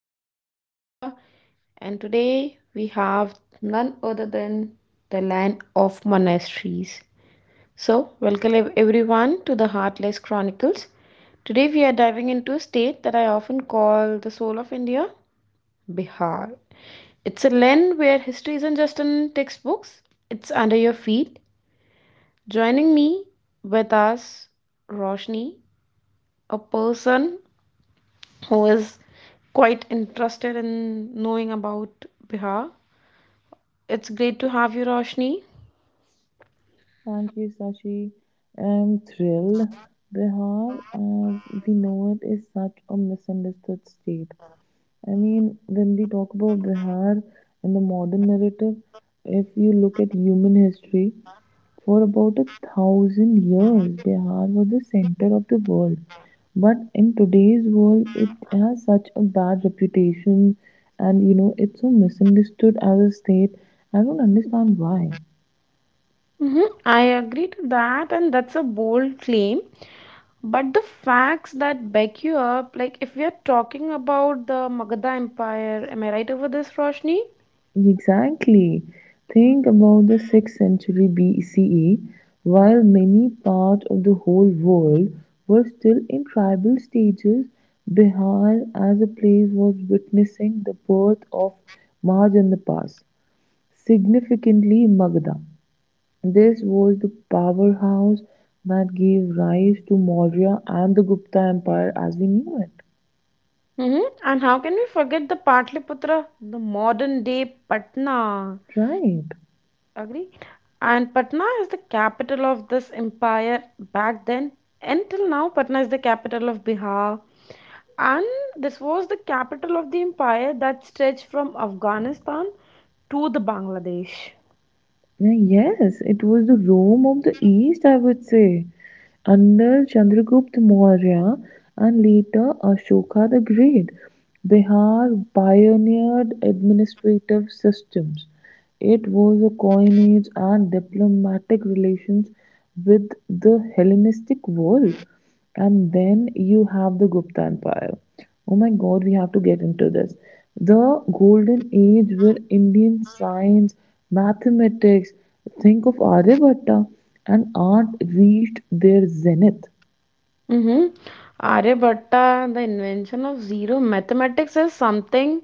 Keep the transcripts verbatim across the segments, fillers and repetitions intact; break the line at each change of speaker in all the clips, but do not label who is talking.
Pearls of India. And today we have none other than the land of monasteries. So, welcome everyone to the Heartless Chronicles. Today we are diving into a state that I often call the soul of India, Bihar. It's a land where history isn't just in textbooks, it's under your feet. Joining me with us, Roshni, a person who is quite interested in knowing about Bihar. It's great to have you, Roshni.
Thank you, Sashi. I'm thrilled. Bihar, as we know it, is such a misunderstood state. I mean, when we talk about Bihar in the modern narrative, if you look at human history, for about a thousand years, Bihar was the center of the world. But in today's world, it has such a bad reputation, and you know, it's so misunderstood as a state. I don't understand why.
Mhm, I agree to that, and that's a bold claim. But the facts that back you up, like if we are talking about the Magadha Empire, am I right over this, Roshni?
Exactly. Think about the sixth century B C E, while many parts of the whole world were still in tribal stages, Bihar as a place was witnessing the birth of Marj and the Pass, significantly Magadha. This was the powerhouse that gave rise to Maurya and the Gupta Empire as we knew it.
Mm-hmm. And how can we forget the Patliputra, the modern day Patna?
Right.
Agree? And Patna is the capital of this empire back then. Until now, Patna is the capital of Bihar. And this was the capital of the empire that stretched from Afghanistan to the Bangladesh.
Yeah, Yes, it was the Rome of the East, I would say, under Chandragupta Maurya and later Ashoka the Great. Bihar pioneered administrative systems. It was a coinage and diplomatic relations with the Hellenistic world. And then you have the Gupta Empire. Oh my god, we have to get into this. The golden age where Indian science, mathematics, think of Aryabhatta, and art reached their zenith.
Mm-hmm. Aryabhatta, and the invention of zero mathematics is something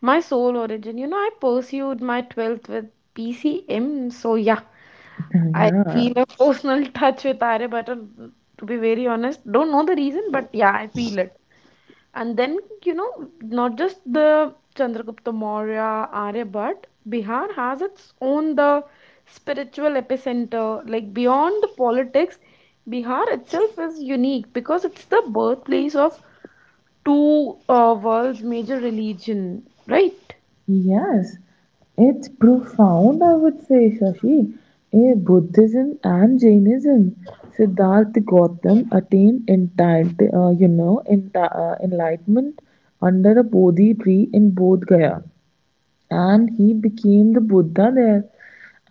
my soul origin. You know, I pursued my twelfth with P C M, so yeah, I
yeah.
feel a personal touch with Aryabhatta. To be very honest, don't know the reason, but yeah, I feel it. And then, you know, not just the Chandragupta Maurya, Aryabhatt, Bihar has its own the spiritual epicenter. Like beyond the politics, Bihar itself is unique because it's the birthplace of two uh, world's major religion, right?
Yes, it's profound, I would say, Shashi. A Buddhism and Jainism, Siddhartha Gautam attained entire, uh, you know, enti uh, enlightenment under a Bodhi tree in Bodh Gaya, and he became the Buddha there.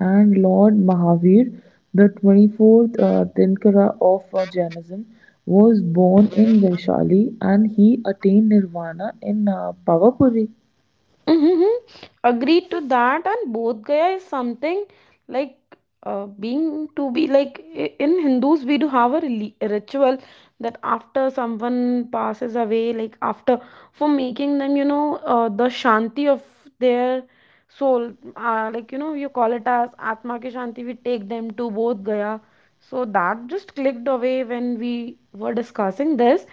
And Lord Mahavir, the twenty-fourth uh, Dinkara of uh, Jainism, was born in Vaishali, and he attained nirvana in uh, Pavapuri.
Mm-hmm. Agreed to that, and Bodh Gaya is something like uh, being to be like i- in Hindus, we do have a reli- a ritual that after someone passes away, like after for making them, you know, uh, the shanti of their soul, uh, like you know, you call it as Atma ki shanti, we take them to Bodh Gaya. So that just clicked away when we were discussing this,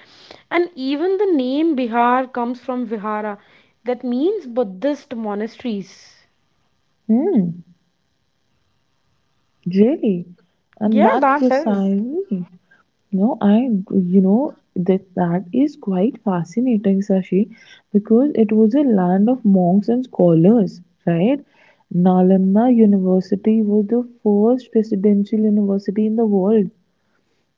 and even the name Bihar comes from Vihara that means Buddhist monasteries.
Hmm. Really. And
Yeah,
that's
that is.
precisely, you know, I, you know, that that is quite fascinating, Sashi, because it was a land of monks and scholars, right? Nalanda University was the first presidential university in the world.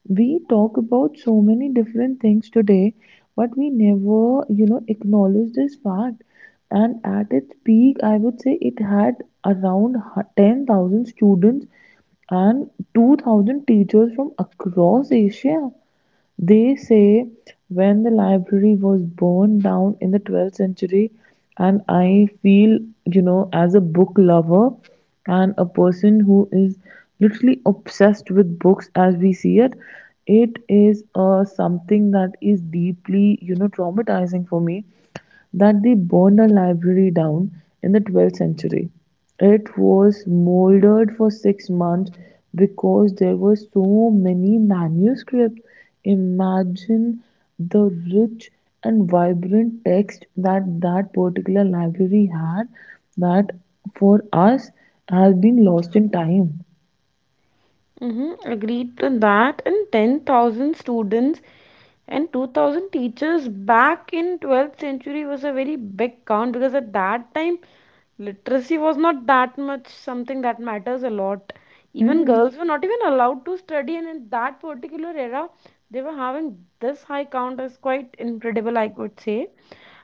We talk about so many different things today, but we never, you know, acknowledge this fact. And at its peak, I would say, it had around hu- ten thousand students and two thousand teachers from across Asia, they say. When the library was burned down in the twelfth century, and I feel, you know, as a book lover and a person who is literally obsessed with books as we see it, it is uh, something that is deeply, you know, traumatizing for me that they burned a library down in the twelfth century. It was mouldered for six months because there were so many manuscripts. Imagine the rich and vibrant text that that particular library had that for us has been lost in time.
Mm-hmm, agreed to that, and ten thousand students and two thousand teachers back in twelfth century was a very big count because at that time literacy was not that much something that matters a lot. Even
Hmm.
girls were not even allowed to study, and in that particular era, they were having this high count is quite incredible, I would say.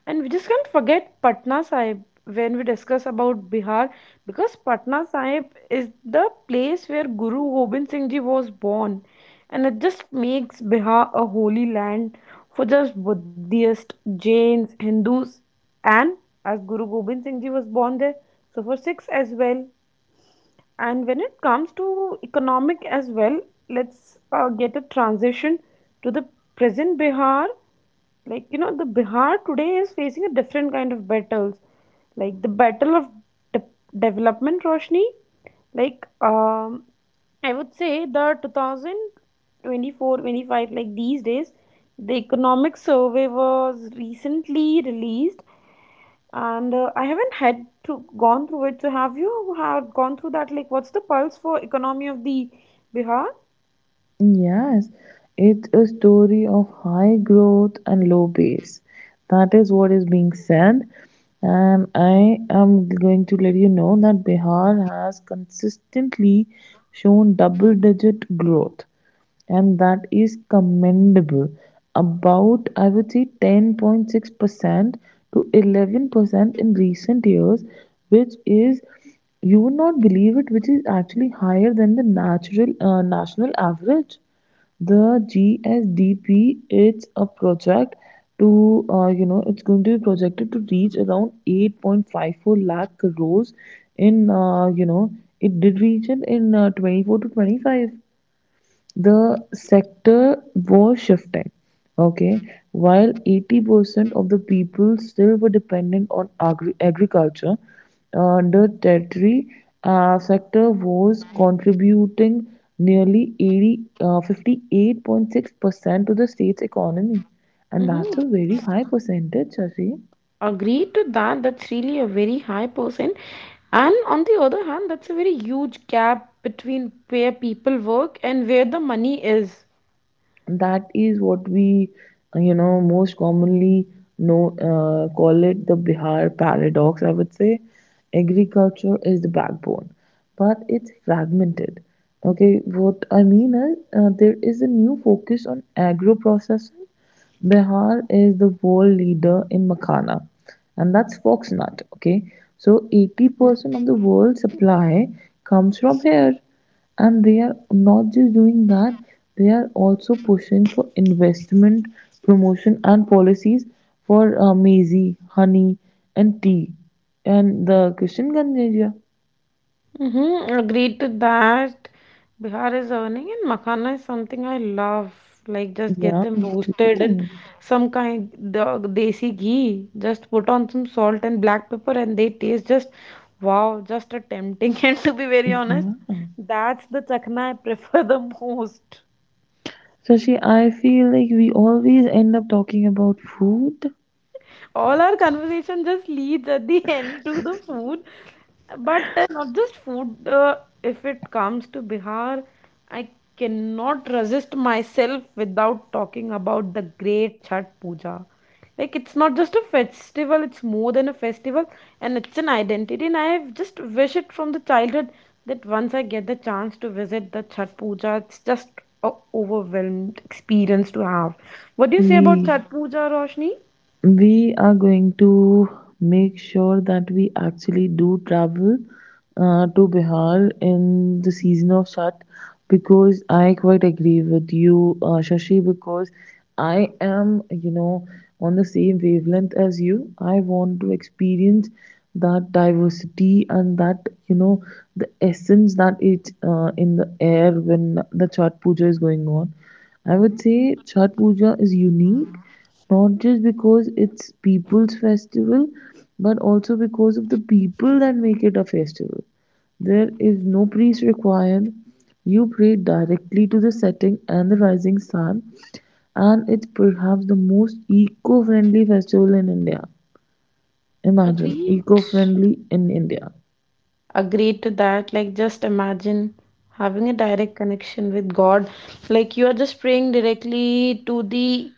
And we just can't forget Patna Sahib when we discuss about Bihar, because Patna Sahib is the place where Guru Gobind Singh Ji was born, and it just makes Bihar a holy land for just Buddhists, Jains, Hindus, and as Guru Gobind Singh Ji was born there, so for Sikhs as well. And when it comes to economic as well, let's uh, get a transition to the present Bihar. Like, you know, the bihar today is facing a different kind of battles, like the battle of de- development, Roshni. Like, um I would say the twenty twenty-four, twenty-five, like these days the economic survey was recently released, and uh, I haven't had to gone through it. So have you had gone through that, like what's the pulse for economy of the bihar?
Yes, it's a story of high growth and low base. That is what is being said. And I am going to let you know that Bihar has consistently shown double digit growth, and that is commendable. About, I would say, ten point six percent to eleven percent in recent years, which is, you would not believe it, which is actually higher than the natural uh, national average. The G S D P, it's a project to, uh, you know, it's going to be projected to reach around eight point five four lakh crores in, uh, you know, it did reach it in uh, twenty-four to twenty-five. The
Mm-hmm.
sector was shifting. Okay, while eighty percent of the people still were dependent on agri- agriculture, uh, the tertiary uh, sector was contributing nearly eighty, uh, fifty-eight point six percent to the state's economy. And that's a very high percentage, Shashi.
Agreed to that, that's really a very high percentage. And on the other hand, that's a very huge gap between where people work and where the money is.
That is what we, uh, you know, most commonly know, uh, call it the Bihar paradox, I would say. Agriculture is the backbone, but it's fragmented. Okay, what I mean is, uh, there is a new focus on agro processing. Bihar is the world leader in makhana, and that's foxnut. Okay, so eighty percent of the world supply comes from here, and they are not just doing that, they are also pushing for investment, promotion, and policies for uh, maize, honey, and tea, and the Kishanganj area.
Mm-hmm, agreed to that. Bihar is earning, and Makhana is something I love. Like, just get
Yeah,
them
me
roasted and
too.
some kind the desi ghee. Just put on some salt and black pepper, and they taste just wow, just a tempting. And to be very
Yeah.
honest, that's the chakna I prefer the most.
Sashi, I feel like we always end up talking about food.
All our conversation just leads at the end to the food, but uh, not just food. Uh, if it comes to bihar, I cannot resist myself without talking about the great chhat puja. Like, it's not just a festival, it's more than a festival, and it's an identity. And I have just wish it from the childhood that once I get the chance to visit the chhat puja, it's just a overwhelmed experience to have. What do you say about
We
chhat puja, roshni?
we are going to make sure that we actually do travel uh, to Bihar in the season of Chhat, because I quite agree with you, uh, Shashi, because I am, you know, on the same wavelength as you. I want to experience that diversity and that, you know, the essence that is, uh, in the air when the Chhat Puja is going on. I would say Chhat Puja is unique, not just because it's people's festival, but also because of the people that make it a festival. There is no priest required. You pray directly to the setting and the rising sun, and it's perhaps the most eco-friendly festival in India. Imagine
Agreed.
eco-friendly in India.
Agreed to that. Like, just imagine having a direct connection with God. Like, you are just praying directly to the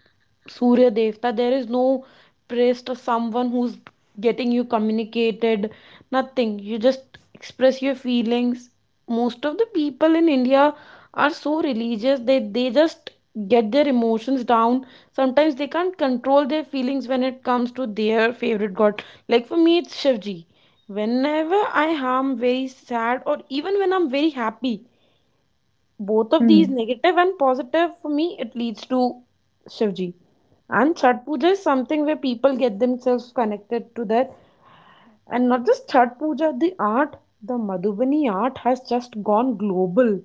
Surya Devta. There is no priest or someone who's getting you communicated. Nothing. You just express your feelings. Most of the people in India are so religious. They they just get their emotions down. Sometimes they can't control their feelings when it comes to their favorite god. Like for me, it's Shivji. Whenever I am very sad or even when I'm very happy, both of these
Hmm.
negative and positive for me, it leads to Shivji. And Chhat Puja is something where people get themselves connected to that. And not just Chhat Puja, the art, the Madhubani art has just gone global.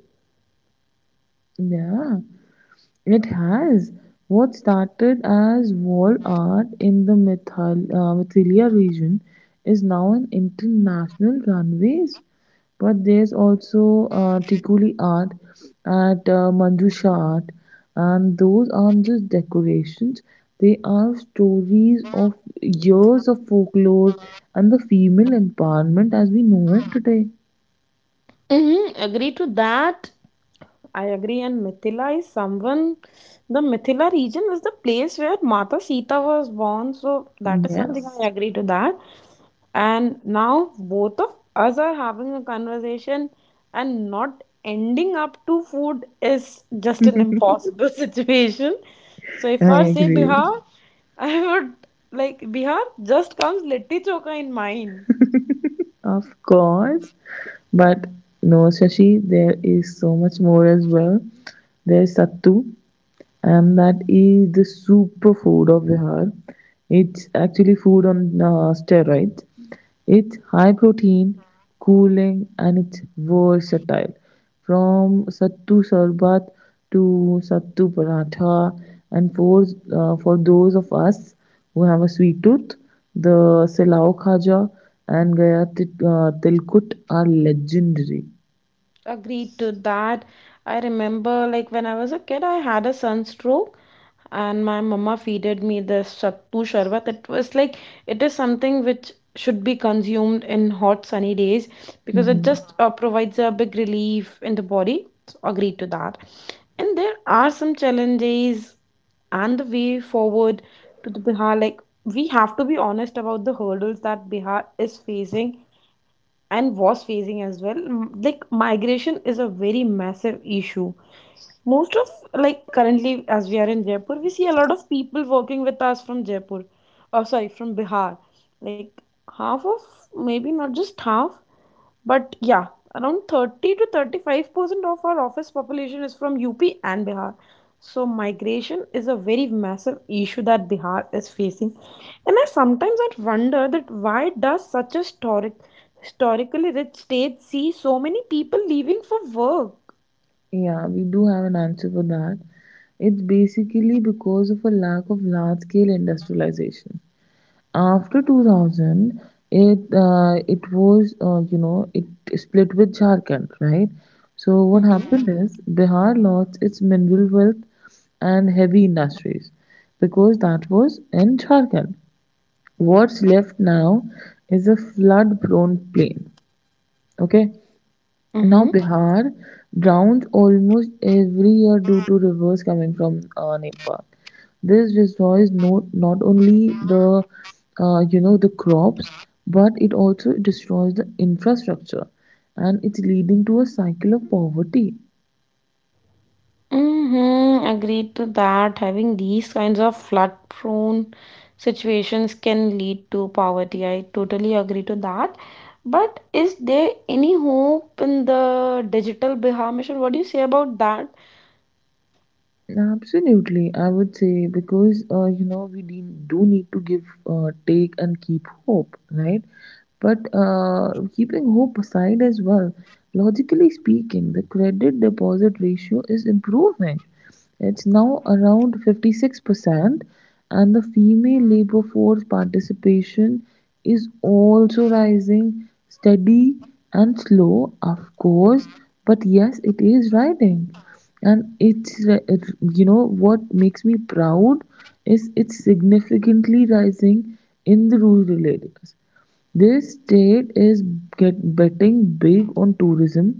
Yeah. It has. What started as wall art in the Mithal, uh, Mithilia region is now an international runways. But there's also uh, Tikuli art at uh, Manjusha art, and those aren't just decorations. They are stories of years of folklore and the female empowerment as we know it today.
Mm-hmm, agree to that. I agree. And Mithila is someone, the Mithila region is the place where Mata Sita was born. So that is something I
Yes,
agree to that. And now both of us are having a conversation and not ending up to food is just an impossible situation. So if I
I
say
agree.
Bihar, I would like Bihar just comes litti choka in mind.
Of course, but no, Shashi, there is so much more as well. There's Sattu, and that is the superfood of Bihar. It's actually food on uh, steroids. It's high protein, cooling, and it's versatile. From sattu sarbat to sattu paratha, and for uh, for those of us who have a sweet tooth, the silao khaja and gaya uh, tilkut are legendary.
Agreed to that. I remember, like, when I was a kid, I had a sunstroke, and my mama feeded me this sattu sharbat. It was like it is something which should be consumed in hot, sunny days because it just uh, provides a big relief in the body. So, agreed to that. And there are some challenges and the way forward to the Bihar. Like, we have to be honest about the hurdles that Bihar is facing and was facing as well. M- Like migration is a very massive issue most of, like, currently, as we are in Jaipur, we see a lot of people working with us from Jaipur. Or sorry, from Bihar. Like, half of, maybe not just half, but yeah, around thirty to thirty-five percent of our office population is from U P and Bihar. So, migration is a very massive issue that Bihar is facing. And I sometimes I wonder that why does such a historic, historically rich state see so many people leaving for work?
Yeah, we do have an answer for that. It's basically because of a lack of large scale industrialization. After two thousand, it uh, it was uh, you know, it split with Jharkhand, right? So what
Mm-hmm.
happened is Bihar lost its mineral wealth and heavy industries because that was in Jharkhand. What's left now is a flood prone plain. Okay, now
Mm-hmm.
Bihar drowns almost every year due to rivers coming from uh, Nepal. This destroys, no, not only the, uh, you know, the crops, but it also destroys the infrastructure, and it's leading to a cycle of poverty.
Mm-hmm, agreed to that. Having these kinds of flood-prone situations can lead to poverty. I totally agree to that. But is there any hope in the digital Bihar mission? What do you say about that?
Yeah. Absolutely, I would say, because, uh, you know, we de- do need to give, uh, take, and keep hope, right? But, uh, keeping hope aside as well, logically speaking, the credit deposit ratio is improving. It's now around fifty-six percent, and the female labor force participation is also rising, steady and slow, of course, but yes, it is rising, and it's ri- you know what makes me proud is it's significantly rising in the rural areas. This state is get betting big on tourism,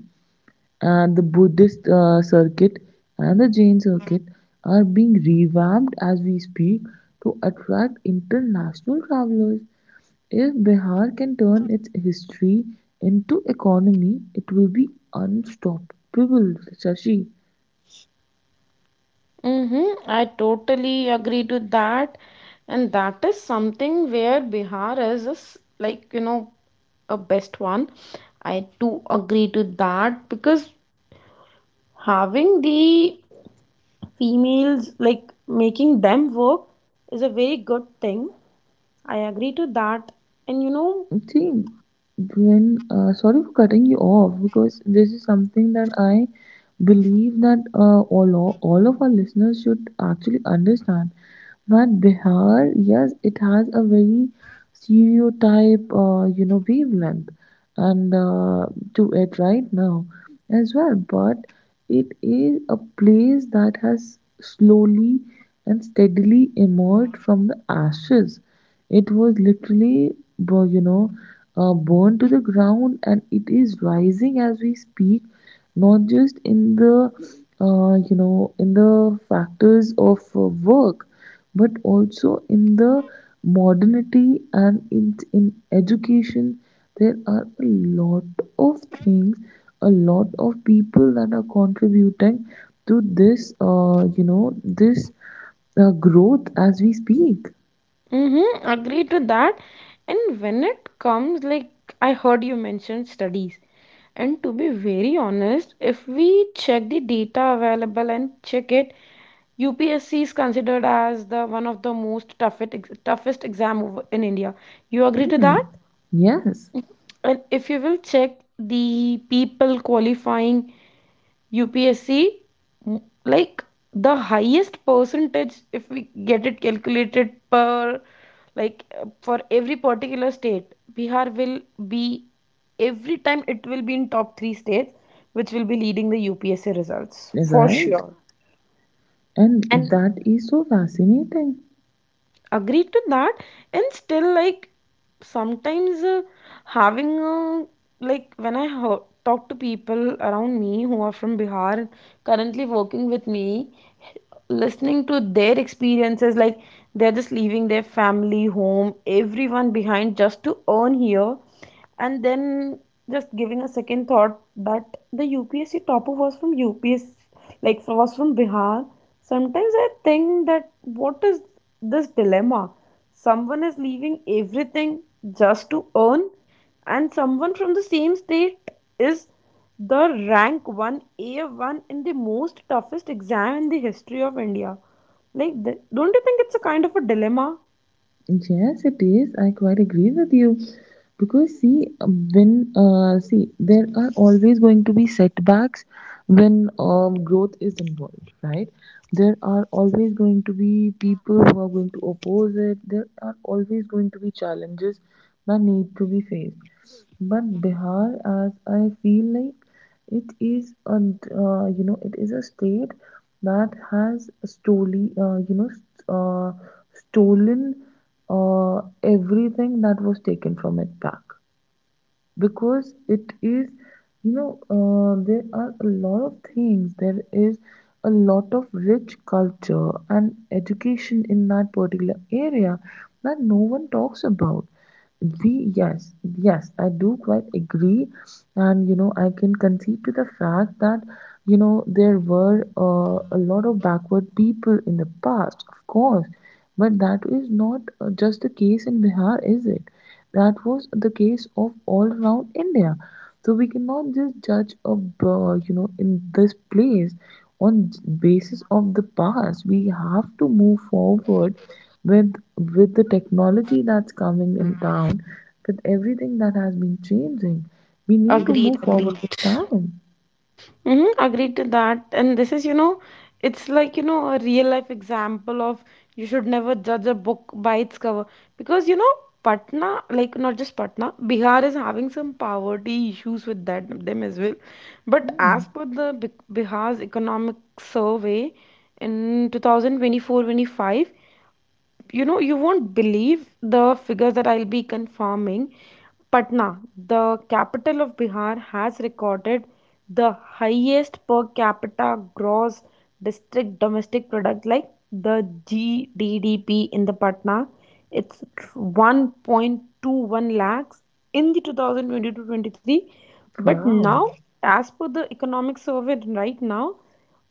and the Buddhist uh, circuit and the Jain circuit are being revamped as we speak to attract international travelers. If Bihar can turn its history into economy, it will be unstoppable, Shashi.
Mm-hmm, I totally agree to that. And that is something where Bihar is a s- like, you know, a best one. I do agree to that because having the females like making them work is a very good thing. I agree to that and you know.
See, when uh, sorry for cutting you off, because this is something that I believe that, uh, all o- all of our listeners should actually understand, that Bihar, yes, it has a very stereotype, uh, you know, wavelength, and, uh, to it right now as well. But it is a place that has slowly and steadily emerged from the ashes. It was literally, bu- you know, uh, burned to the ground, and it is rising as we speak. Not just in the, uh, you know, in the factors of, uh, work, but also in the modernity and in in education. There are a lot of things, a lot of people that are contributing to this, uh, you know, this, uh, growth as we speak.
Mm-hmm, agree to that. And when it comes like I heard you mention studies, and to be very honest if we check the data available and check it, upsc is considered as the one of the most toughest ex- toughest exam over- in india. You agree to
Hmm.
that?
Yes,
And if you will check the people qualifying U P S C, mm, like the highest percentage, if we get it calculated per, like uh, for every particular state, Bihar will be every time it will be in top three states, which will be leading the U P S C results for
right.
sure. And
And that is so fascinating.
agreed to that, and still like sometimes uh, having a like when I heard, talk to people around me who are from Bihar currently working with me, listening to their experiences like they're just leaving their family home everyone behind just to earn here, and then just giving a second thought that the U P S C topper was from U P S, like was from Bihar. Sometimes I think that what is this dilemma? Someone is leaving everything just to earn, and someone from the same state is the rank one A one in the most toughest exam in the history of India. Like, th- don't you think it's a kind of a dilemma?
Yes, it is. I quite agree with you. Because see, when uh, see, there are always going to be setbacks when, um, growth is involved, right? There are always going to be people who are going to oppose it. There are always going to be challenges that need to be faced. But Bihar, as I feel like, it is a, uh, you know, it is a state that has stolen, uh, you know, s- uh, stolen uh, everything that was taken from it back, because it is, you know, uh, there are a lot of things, there is a lot of rich culture and education in that particular area that no one talks about. We yes Yes, I do quite agree. And you know, I can concede to the fact that, you know, there were, uh, a lot of backward people in the past, of course, but that is not, uh, just the case in Bihar, is it? That was the case of all around India. So we cannot just judge a, uh, you know, in this place on basis of the past. We have to move forward with with the technology that's coming in town, with everything that has been changing. We need to
Agreed,
move forward
agreed.
with time.
Mm-hmm, agreed to that. And this is, you know, it's like, you know, a real life example of you should never judge a book by its cover. Because, you know, Patna, like not just Patna, Bihar is having some poverty issues with that them as well. But
Hmm.
as per the Bi- Bihar's economic survey in twenty twenty-four twenty-five, you know, you won't believe the figures that I'll be confirming. Patna, the capital of Bihar, has recorded the highest per capita gross district domestic product, like the G D P, in the Patna. It's one point two one lakhs in the twenty twenty-two twenty-three. But
Wow.
now as per the economic survey right now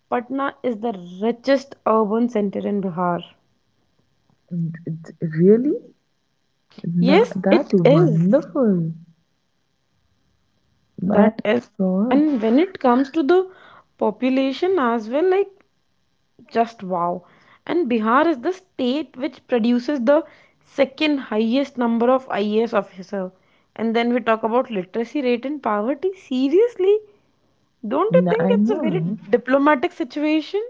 Patna is the richest urban center in Bihar.
Mm, it's really? Na-
Yes,
That's
it is.
wonderful. I'm
That is.
sure.
And when it comes to the population as well, like, just wow. And bihar is the state which produces the second highest number of ias officer. And then we talk about literacy rate and poverty, seriously, don't you
N- I
think it's a
know,
very
right?
diplomatic situation?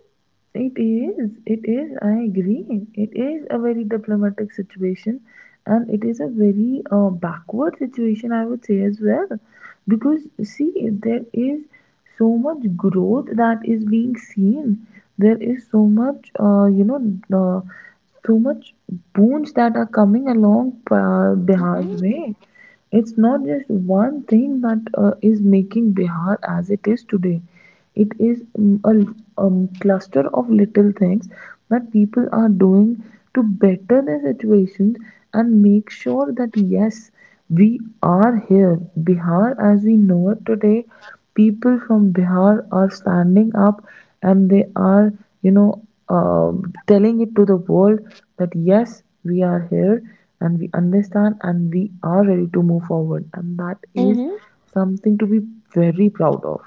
It is, it is, I agree. It is a very diplomatic situation, and it is a very, uh, backward situation, I would say, as well. Because, see, there is so much growth that is being seen. There is so much, uh, you know, uh, so much boons that are coming along, uh, Bihar's
Mm-hmm.
way. It's not just one thing that, uh, is making Bihar as it is today. It is, mm, a l- um, cluster of little things that people are doing to better their situations and make sure that yes, we are here. Bihar as we know it today, people from Bihar are standing up, and they are, you know, um, telling it to the world that yes, we are here, and we understand, and we are ready to move forward, and that is
Mm-hmm.
something to be very proud of.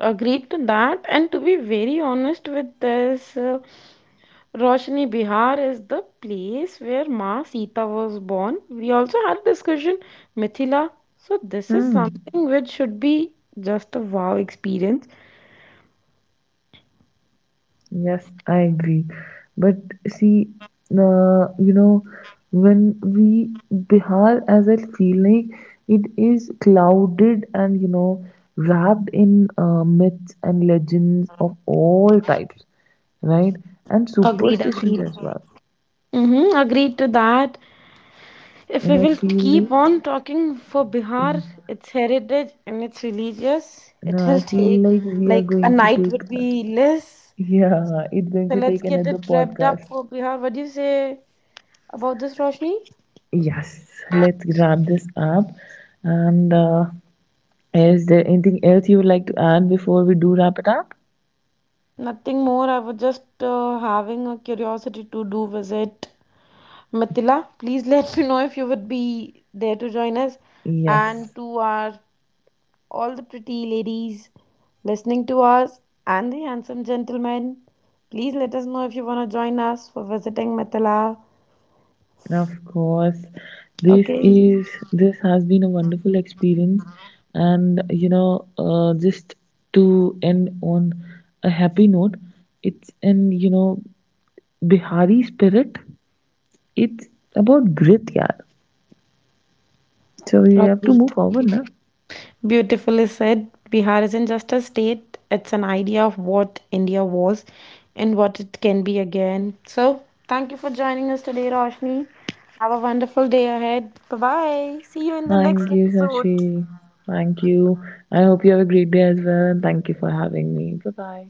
Agreed to that. And to be very honest with this uh, roshni, bihar is the place where ma sita was born, we also had a discussion mithila. So this is
Hmm.
something which should be just a wow experience.
Yes, I agree. But see, uh, you know, when we Bihar, as I feel like, it is clouded and you know wrapped in, uh, myths and legends of all types, right? And
Agreed,
superstitions
agreed.
as well.
Mm-hmm, agreed to that. If we
And I
will
feel
keep
like,
on talking for Bihar, its heritage and its religious,
no,
it
I
will
feel
take
like we are
like a
going to
night
take,
would be less.
yeah, it's going
So
to
let's
take
get
another
it wrapped up
podcast.
for Bihar. What do you say about this, Roshni?
Yes, let's wrap this up and. Uh, Is there anything else you would like to add before we do wrap it up?
Nothing more. I was just uh, having a curiosity to do visit Mithila. Please let me know if you would be there to join us
Yes,
and to our all the pretty ladies listening to us and the handsome gentlemen. Please let us know if you want to join us for visiting Mithila.
of course. This
Okay.
is this has been a wonderful experience, and you know, uh, just to end on a happy note, it's in, you know, Bihari spirit. It's about grit, yeah. So we have to move
Agreed.
forward, na?
Beautifully said. Bihar isn't just a state, it's an idea of what India was and what it can be again. So, thank you for joining us today, Roshni. Have a wonderful day ahead. Bye bye. See you in the
Thank
next
you,
episode.
Sashi. Thank you. I hope you have a great day as well, and thank you for having me. Bye bye.